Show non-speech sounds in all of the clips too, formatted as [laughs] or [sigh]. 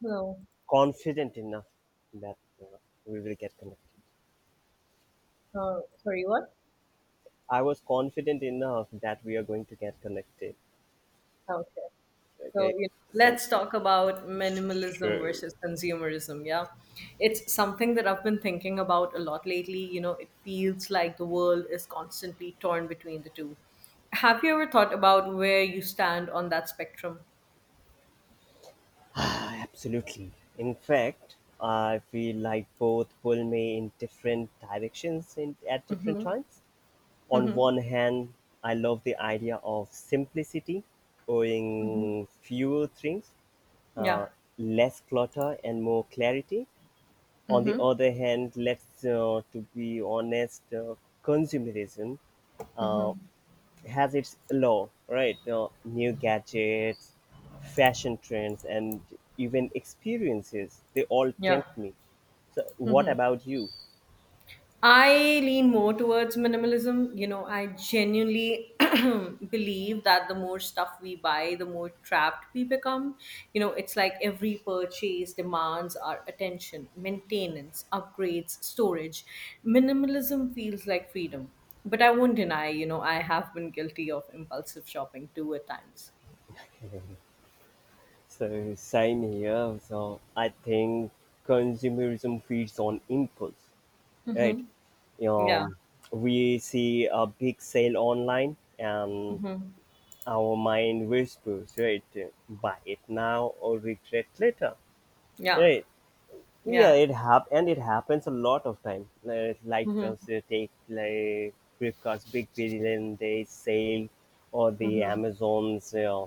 No. Confident enough that we will get connected. Sorry, what? I was confident enough that we are going to get connected. Ah, okay. So, Okay, you so let's talk about minimalism sure, versus consumerism. Yeah. It's something that I've been thinking about a lot lately. You know, it feels like the world is constantly torn between the two. Have you ever thought about where you stand on that spectrum? [sighs] absolutely. In fact, I feel like both pull me in different directions in, at different Mm-hmm. times. On Mm-hmm. one hand, I love the idea of simplicity, owning fewer things, uh, Yeah. less clutter, and more clarity. On the Mm-hmm. other hand, let's to be honest, consumerism uh, has its law, right? New gadgets, fashion trends, and even experiences, they all Yeah. tempt me. So, what Mm-hmm. about you? I lean more towards minimalism. You know, I genuinely [clears throat] believe that the more stuff we buy, the more trapped we become. You know, it's like every purchase demands our attention, maintenance, upgrades, storage. Minimalism feels like freedom. But I won't deny, you know, I have been guilty of impulsive shopping too at times. So, same here. So, I think consumerism feeds on impulse, right? Mm-hmm. Yeah. Um, we see a big sale online, and Mm-hmm. our mind whispers, right? Buy it now or regret later, Yeah. right? Yeah, Yeah. and it happens a lot of time. Like Mm-hmm. those take like Flipkart's Big Billion Day sale or the Mm-hmm. Amazon's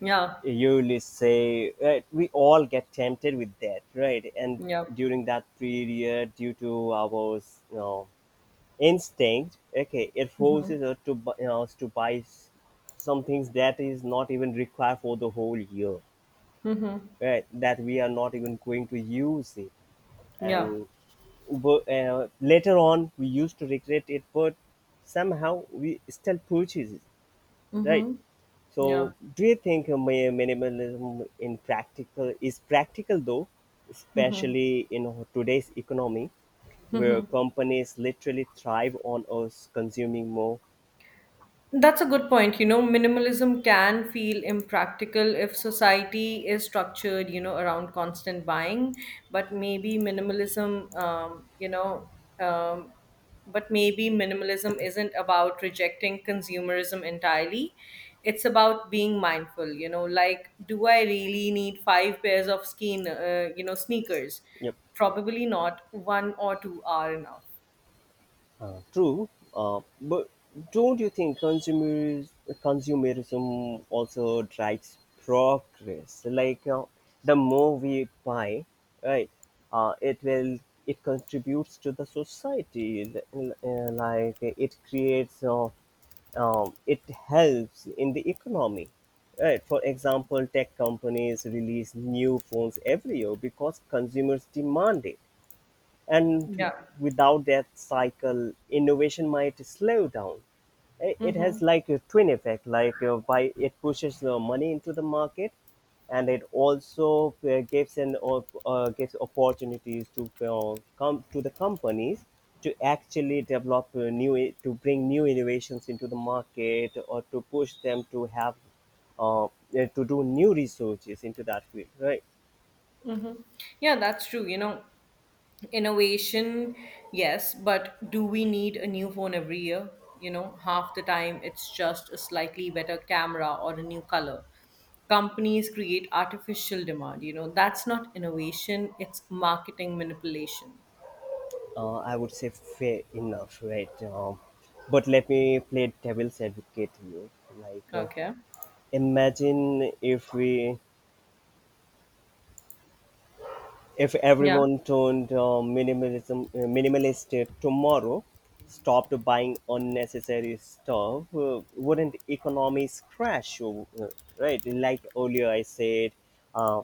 Yeah. yearly sale. Right? We all get tempted with that, right? And Yeah. during that period, due to our you know, instinct, okay, it forces you know, us to buy some things that is not even required for the whole year, right, that we are not even going to use it, Yeah. and but later on we used to regret it, but somehow we still purchase it, right. Mm-hmm. Yeah. So, do you think minimalism in practical is practical though, especially in today's economy, where companies literally thrive on us consuming more? That's a good point. You know, minimalism can feel impractical if society is structured, you know, around constant buying. But maybe minimalism, um, but maybe minimalism isn't about rejecting consumerism entirely. It's about being mindful, you know, like, do I really need five pairs of you know, sneakers? Probably not. One or two are enough. True, but don't you think consumers consumerism also drives progress? Like the more we buy, right, uh, it will it contributes to the society. Like it creates, it helps in the economy. Right. For example, tech companies release new phones every year because consumers demand it, and Yeah. without that cycle, innovation might slow down. It Mm-hmm. has like a twin effect, like by it pushes the money into the market, and it also gives opportunities to come to the companies to actually develop to bring new innovations into the market, or to push them to have uh, uh, to do new researches into that field, right. Yeah, that's true. You know, innovation, yes, but do we need a new phone every year? You know, half the time it's just a slightly better camera or a new color. Companies create artificial demand. You know, that's not innovation, it's marketing manipulation. I would say fair enough, right? But let me play devil's advocate here. Like, Okay. imagine if we, if Yeah. everyone turned minimalism minimalist tomorrow, stopped buying unnecessary stuff, wouldn't economies crash? Right? Like earlier, I said. Uh,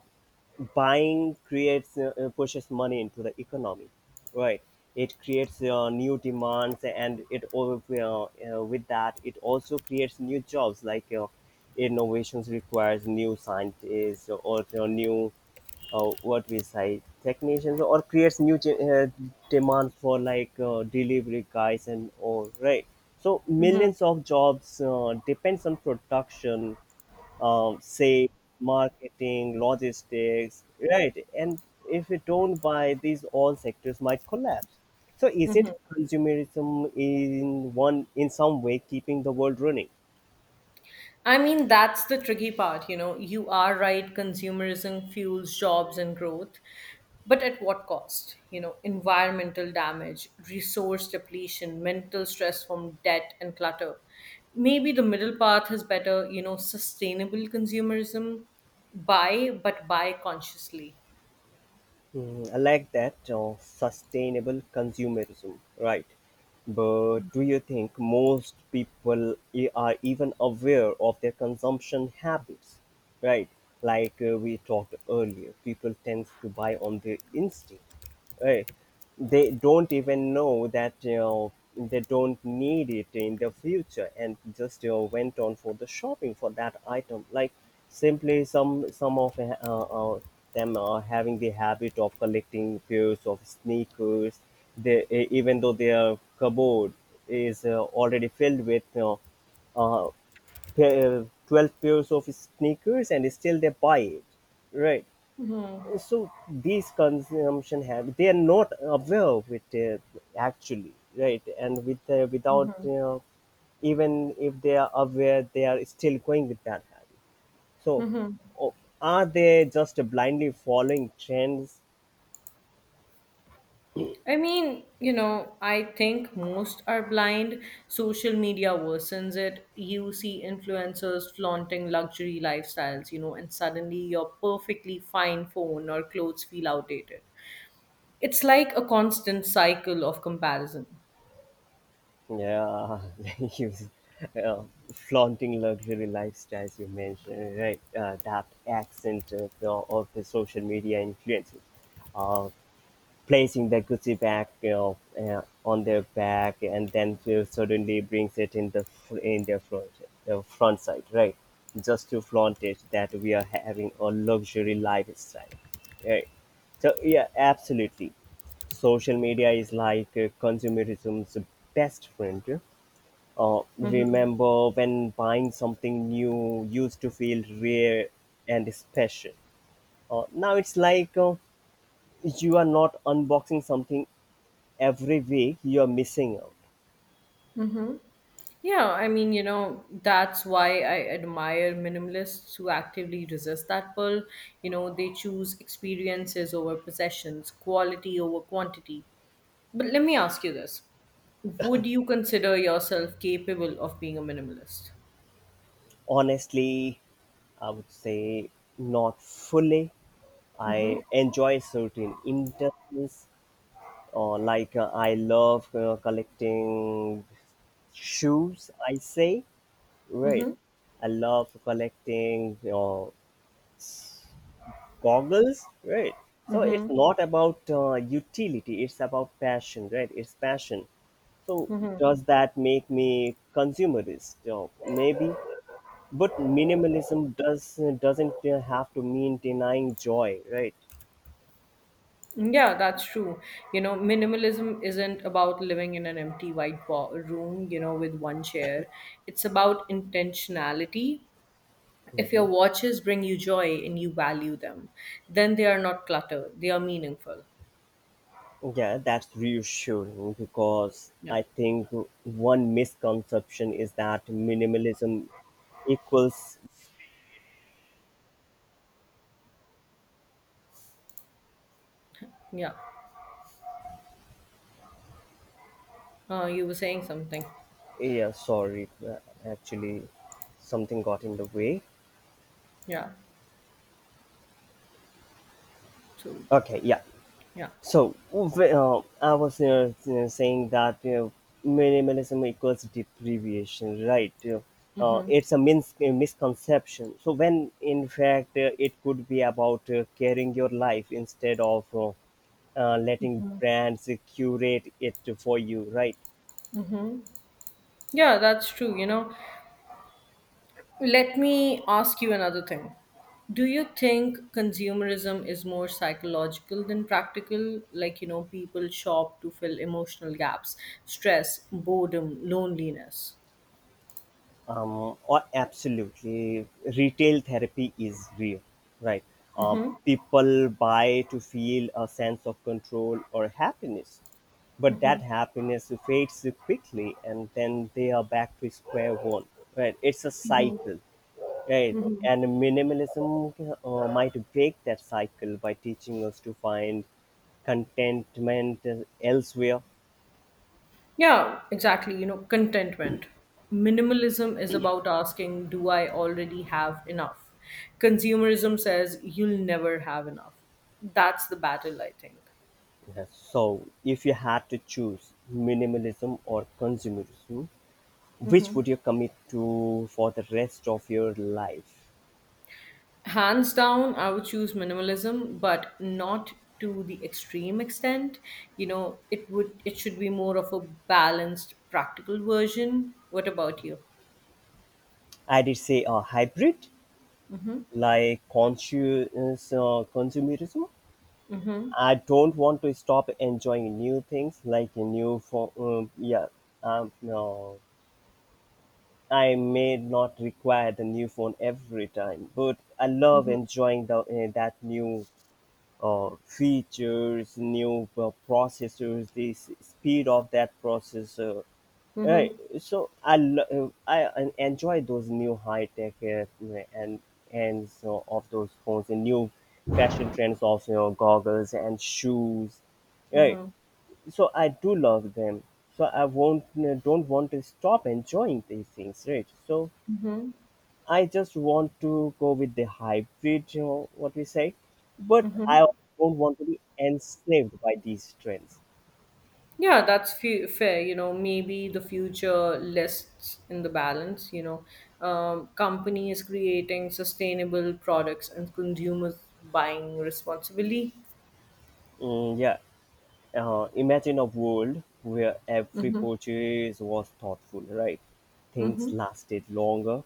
Buying creates pushes money into the economy, right. It creates new demands, and it all with that it also creates new jobs, like innovations requires new scientists, or you know, new what we say technicians, or creates demand for like delivery guys and all, right. So millions of jobs depends on production, sales, marketing, logistics, right? And if we don't buy, these all sectors might collapse. So is it consumerism in one in some way keeping the world running? I mean, that's the tricky part, you know. You are right, consumerism fuels jobs and growth, but at what cost? You know, environmental damage, resource depletion, mental stress from debt and clutter. Maybe the middle path is better, you know, sustainable consumerism, buy, but buy consciously. Mm, I like that sustainable consumerism, right? But do you think most people are even aware of their consumption habits, right? Like we talked earlier, people tend to buy on their instinct, right? They don't even know that, you know, they don't need it in the future, and just, you know, went on for the shopping for that item. Like simply some of them are having the habit of collecting pairs of sneakers. Even though their cupboard is already filled with, you know, uh, 12 pairs of sneakers, and still they buy it, right. So these consumption habits, they are not aware of it, actually, right, and with without you, even if they are aware they are still going with that habit. So o- are they just blindly following trends? I mean, you know, I think most are blind. Social media worsens it. You see influencers flaunting luxury lifestyles, you know, and suddenly your perfectly fine phone or clothes feel outdated. It's like a constant cycle of comparison. Yeah, [laughs] you, uh, flaunting luxury lifestyles you mentioned, right, that accent of the social media influences. Uh, Placing the Gucci bag, you know, on their back, and then to suddenly brings it in in their front, the front side, right? Just to flaunt it that we are having a luxury lifestyle, right? So yeah, absolutely. Social media is like consumerism's best friend. Remember when buying something new used to feel rare and special. Now it's like you are not unboxing something every week, you're missing out. Yeah, I mean, you know, that's why I admire minimalists who actively resist that pull. You know, they choose experiences over possessions, quality over quantity. But let me ask you this. Would you consider yourself capable of being a minimalist? Honestly, I would say not fully. I enjoy certain interests, or like I love collecting shoes. I say, right. I love collecting s- goggles. Right. So it's not about utility. It's about passion. Right. It's passion. So Mm, does that make me consumerist? Maybe. But minimalism doesn't have to mean denying joy, right? yeah, that's true. You know, minimalism isn't about living in an empty white room, you know, with one chair. It's about intentionality. If your Hmm. watches bring you joy and you value them, then they are not clutter, they are meaningful. Yeah, that's reassuring, because Yeah. I think one misconception is that minimalism equals. Yeah. You were saying something. Yeah, sorry, actually, something got in the way. Yeah. So, Okay, yeah. yeah. So, I was you know, saying that minimalism equals deprivation, right? It's a misconception. So, when in fact it could be about carrying your life instead of letting brands curate it for you, right? Yeah, that's true. You know, let me ask you another thing. Do you think consumerism is more psychological than practical? Like, you know, people shop to fill emotional gaps, stress, boredom, loneliness. Or absolutely, retail therapy is real, right? Uh, People buy to feel a sense of control or happiness, but that happiness fades quickly, and then they are back to square one, right? It's a cycle, right? And minimalism might break that cycle by teaching us to find contentment elsewhere. Yeah, exactly. You know, contentment. Minimalism is about asking, do I already have enough? Consumerism says you'll never have enough. That's the battle, I think. Yes. So, if you had to choose minimalism or consumerism, which Mm-hmm. would you commit to for the rest of your life? Hands down, I would choose minimalism, but not to the extreme extent. You know, it should be more of a balanced, practical version. What about you? I did say a hybrid, Mm-hmm. like conscious consumerism. Mm-hmm. I don't want to stop enjoying new things, like a new phone. Yeah, no, I may not require the new phone every time, but I love Mm-hmm. enjoying the that new features, new processors, speed of that processor, right. Mm-hmm. So I lo- I en- enjoy those new high tech and so of those phones and new fashion trends of, you know, goggles and shoes. Right. Mm-hmm. So I do love them. So I won't don't want to stop enjoying these things. Right. So Mm-hmm. I just want to go with the hybrid. You know what we say, but I don't want to be enslaved by these trends. Yeah, that's fair. You know, maybe the future lists in the balance. You know, companies creating sustainable products and consumers buying responsibly. Mm, yeah. Imagine a world where every purchase was thoughtful, right? Things lasted longer,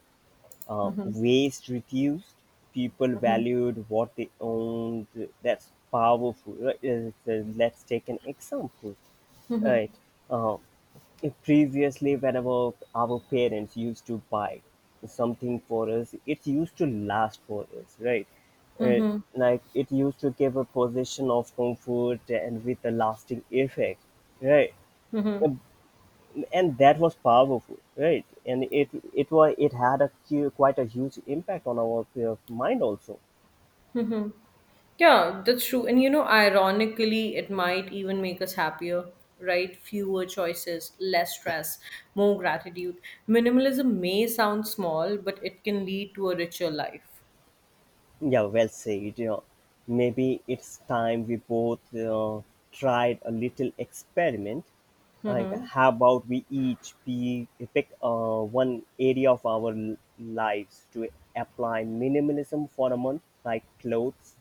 waste reduced, people valued what they owned. That's powerful. Right? So let's take an example, right? Uh, Previously, whenever our parents used to buy something for us, it used to last for us, right? Uh, like it used to give a position of comfort and with a lasting effect, right? Um, And that was powerful, right? And it had quite a huge impact on our mind also. Yeah, that's true. And you know, ironically, it might even make us happier, right? Fewer choices, less stress, more gratitude. Minimalism may sound small, but it can lead to a richer life. Yeah, well said. Maybe it's time we both tried a little experiment. Like, Mhm. how about pick one area of lives to apply minimalism for a month, like clothes,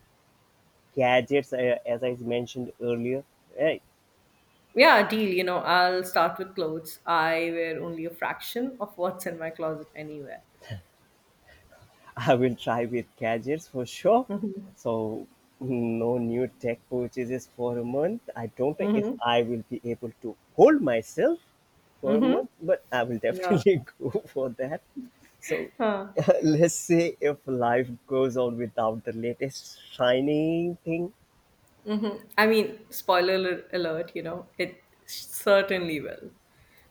gadgets, as I mentioned earlier, right? Yeah, deal. You know, I'll start with clothes. I wear only a fraction of what's in my closet anywhere. I will try with gadgets for sure. Hmm. So mm, no new tech purchases for a month. I don't know if Hmm. I will be able to hold myself for a month, but I will Yeah. definitely [laughs] go for that. So Huh. [laughs] let's say if life goes on without the latest shiny thing, Mm-hmm. I mean, spoiler alert, you know, it certainly will.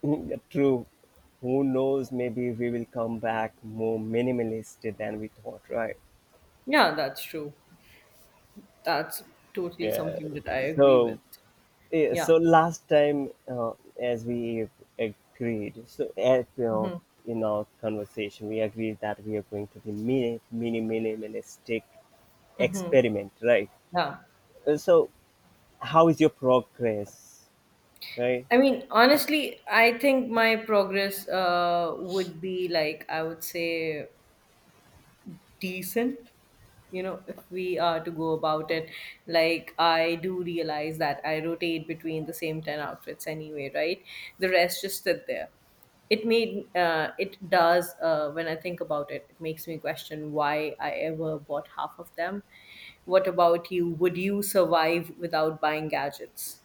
[laughs] true. Who knows? Maybe we will come back more minimalist than we thought, right? Yeah, that's true. That's totally Yeah. something that I agree with. So yeah, Yeah. so last time, as we agreed, so as you know, in our conversation, we agreed that we are going to be minimalistic experiment, right? Yeah. So, how is your progress, right? I mean, honestly, I think my progress would be like, I would say, decent, you know, if we are to go about it. Like, I do realize that I rotate between the same 10 outfits anyway, right? The rest just sit there. It made it does When I think about it, it makes me question why I ever bought half of them. What about you? Would you survive without buying gadgets?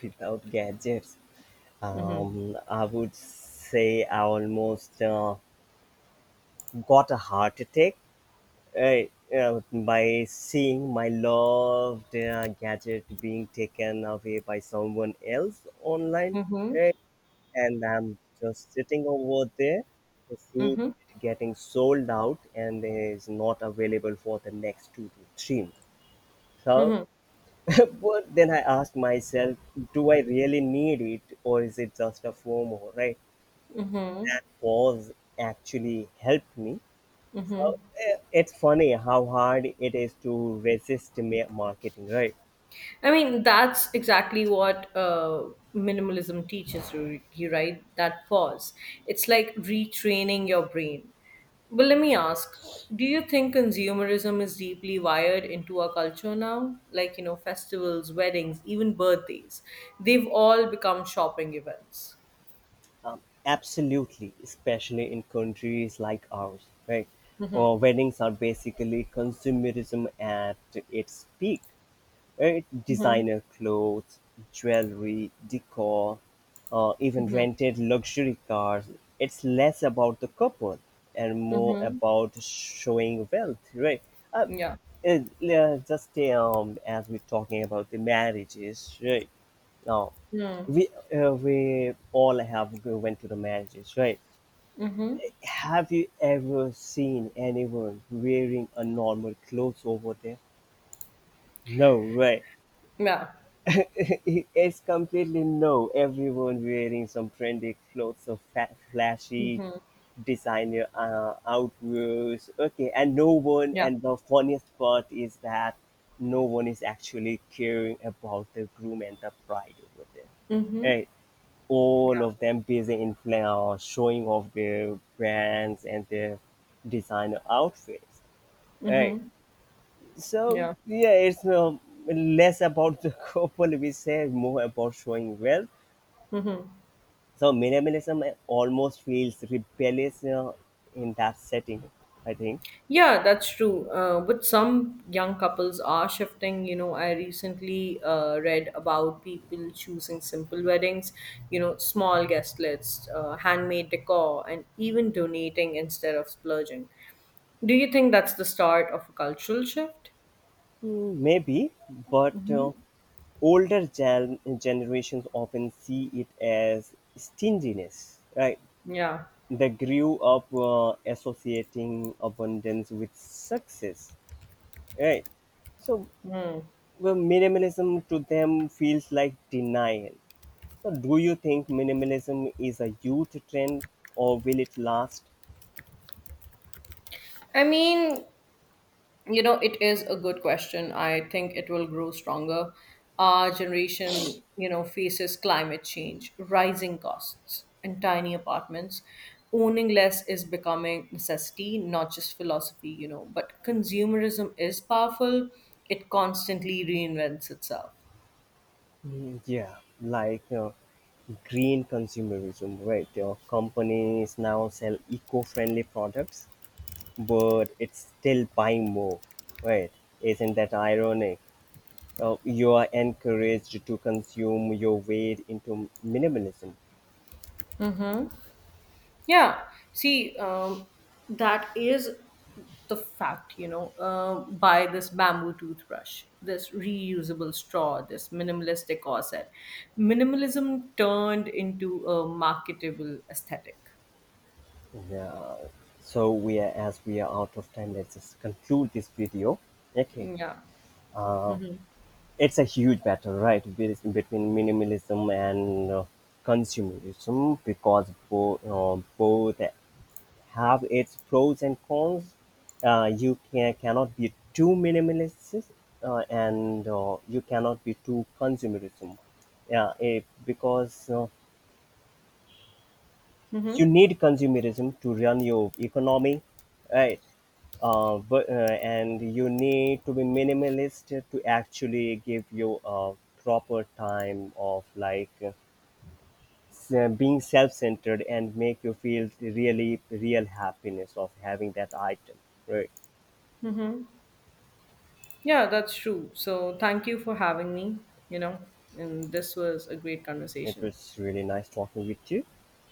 Without gadgets, Mm-hmm. I would say I almost got a heart attack, right, by seeing my loved gadget being taken away by someone else online, Mm-hmm. eh, and I'm just sitting over there, seeing Mm-hmm. it getting sold out and is not available for the next two to three months. So, [laughs] but then I ask myself, do I really need it, or is it just a FOMO? Right? Mm-hmm. Pause actually helped me. So it's funny how hard it is to resist marketing, right? I mean, that's exactly what minimalism teaches you, right? That pause. It's like retraining your brain. But let me ask, do you think consumerism is deeply wired into our culture now? Like, you know, festivals, weddings, even birthdays, they've all become shopping events. Absolutely, especially in countries like ours, right? Or weddings are basically consumerism at its peak. It designer clothes, jewelry, decor, even rented luxury cars. It's less about the couple and more Mm-hmm. about showing wealth, right? Uh, Yeah. Le- just as we're talking about the marriages, right? Now we we all went to the marriages, right? Have you ever seen anyone wearing a normal clothes over there? No, right? Yeah. [laughs] It's completely no. Everyone wearing some trendy clothes or flashy designer outwears. Okay, and no one. Yeah. And the funniest part is that no one is actually caring about the groom and the bride over there. Mm-hmm. Eh, all of them busy in flair, showing off their brands and their designer outfits. Eh, so Yeah. yeah, it's less about the [laughs] couple we say, more about showing wealth. Yeah. So minimalism almost feels rebellious in that setting. I think Yeah, that's true. But some young couples are shifting. You know, I recently read about people choosing simple weddings, you know, small guest lists, handmade decor, and even donating instead of splurging. Do you think that's the start of a cultural shift? hmm, maybe, but Mhm. older generations often see it as stinginess. Right? Yeah. They grew up associating abundance with success. Right? So well, minimalism to them feels like denial. So do you think minimalism is a youth trend or will it last? I mean, you know, it is a good question. I think it will grow stronger. Our generation, you know, faces climate change, rising costs, and tiny apartments. Owning less is becoming necessity, not just philosophy, you know, but consumerism is powerful. It constantly reinvents itself. Mm, yeah, like green consumerism, right? Your companies now sell eco friendly products, but it's still buying more, right? Isn't that ironic? You are encouraged to consume your way into minimalism. Yeah, see, that is the fact, you know, by this bamboo toothbrush, this reusable straw, this minimalistic corset. Minimalism turned into a marketable aesthetic. Yeah, so we are, as we are out of time, let's just conclude this video. Okay. Yeah. Uh, it's a huge battle, right, between minimalism and consumerism, because both have its pros and cons. You can, cannot be too minimalist and you cannot be too consumerism. Yeah, eh, because you Mm-hmm. need consumerism to run your economy, right? And you need to be minimalist to actually give you a proper time of like being self-centered and make you feel really real happiness of having that item, right. Yeah, that's true. So thank you for having me, you know, and this was a great It conversation. was really nice talking with you.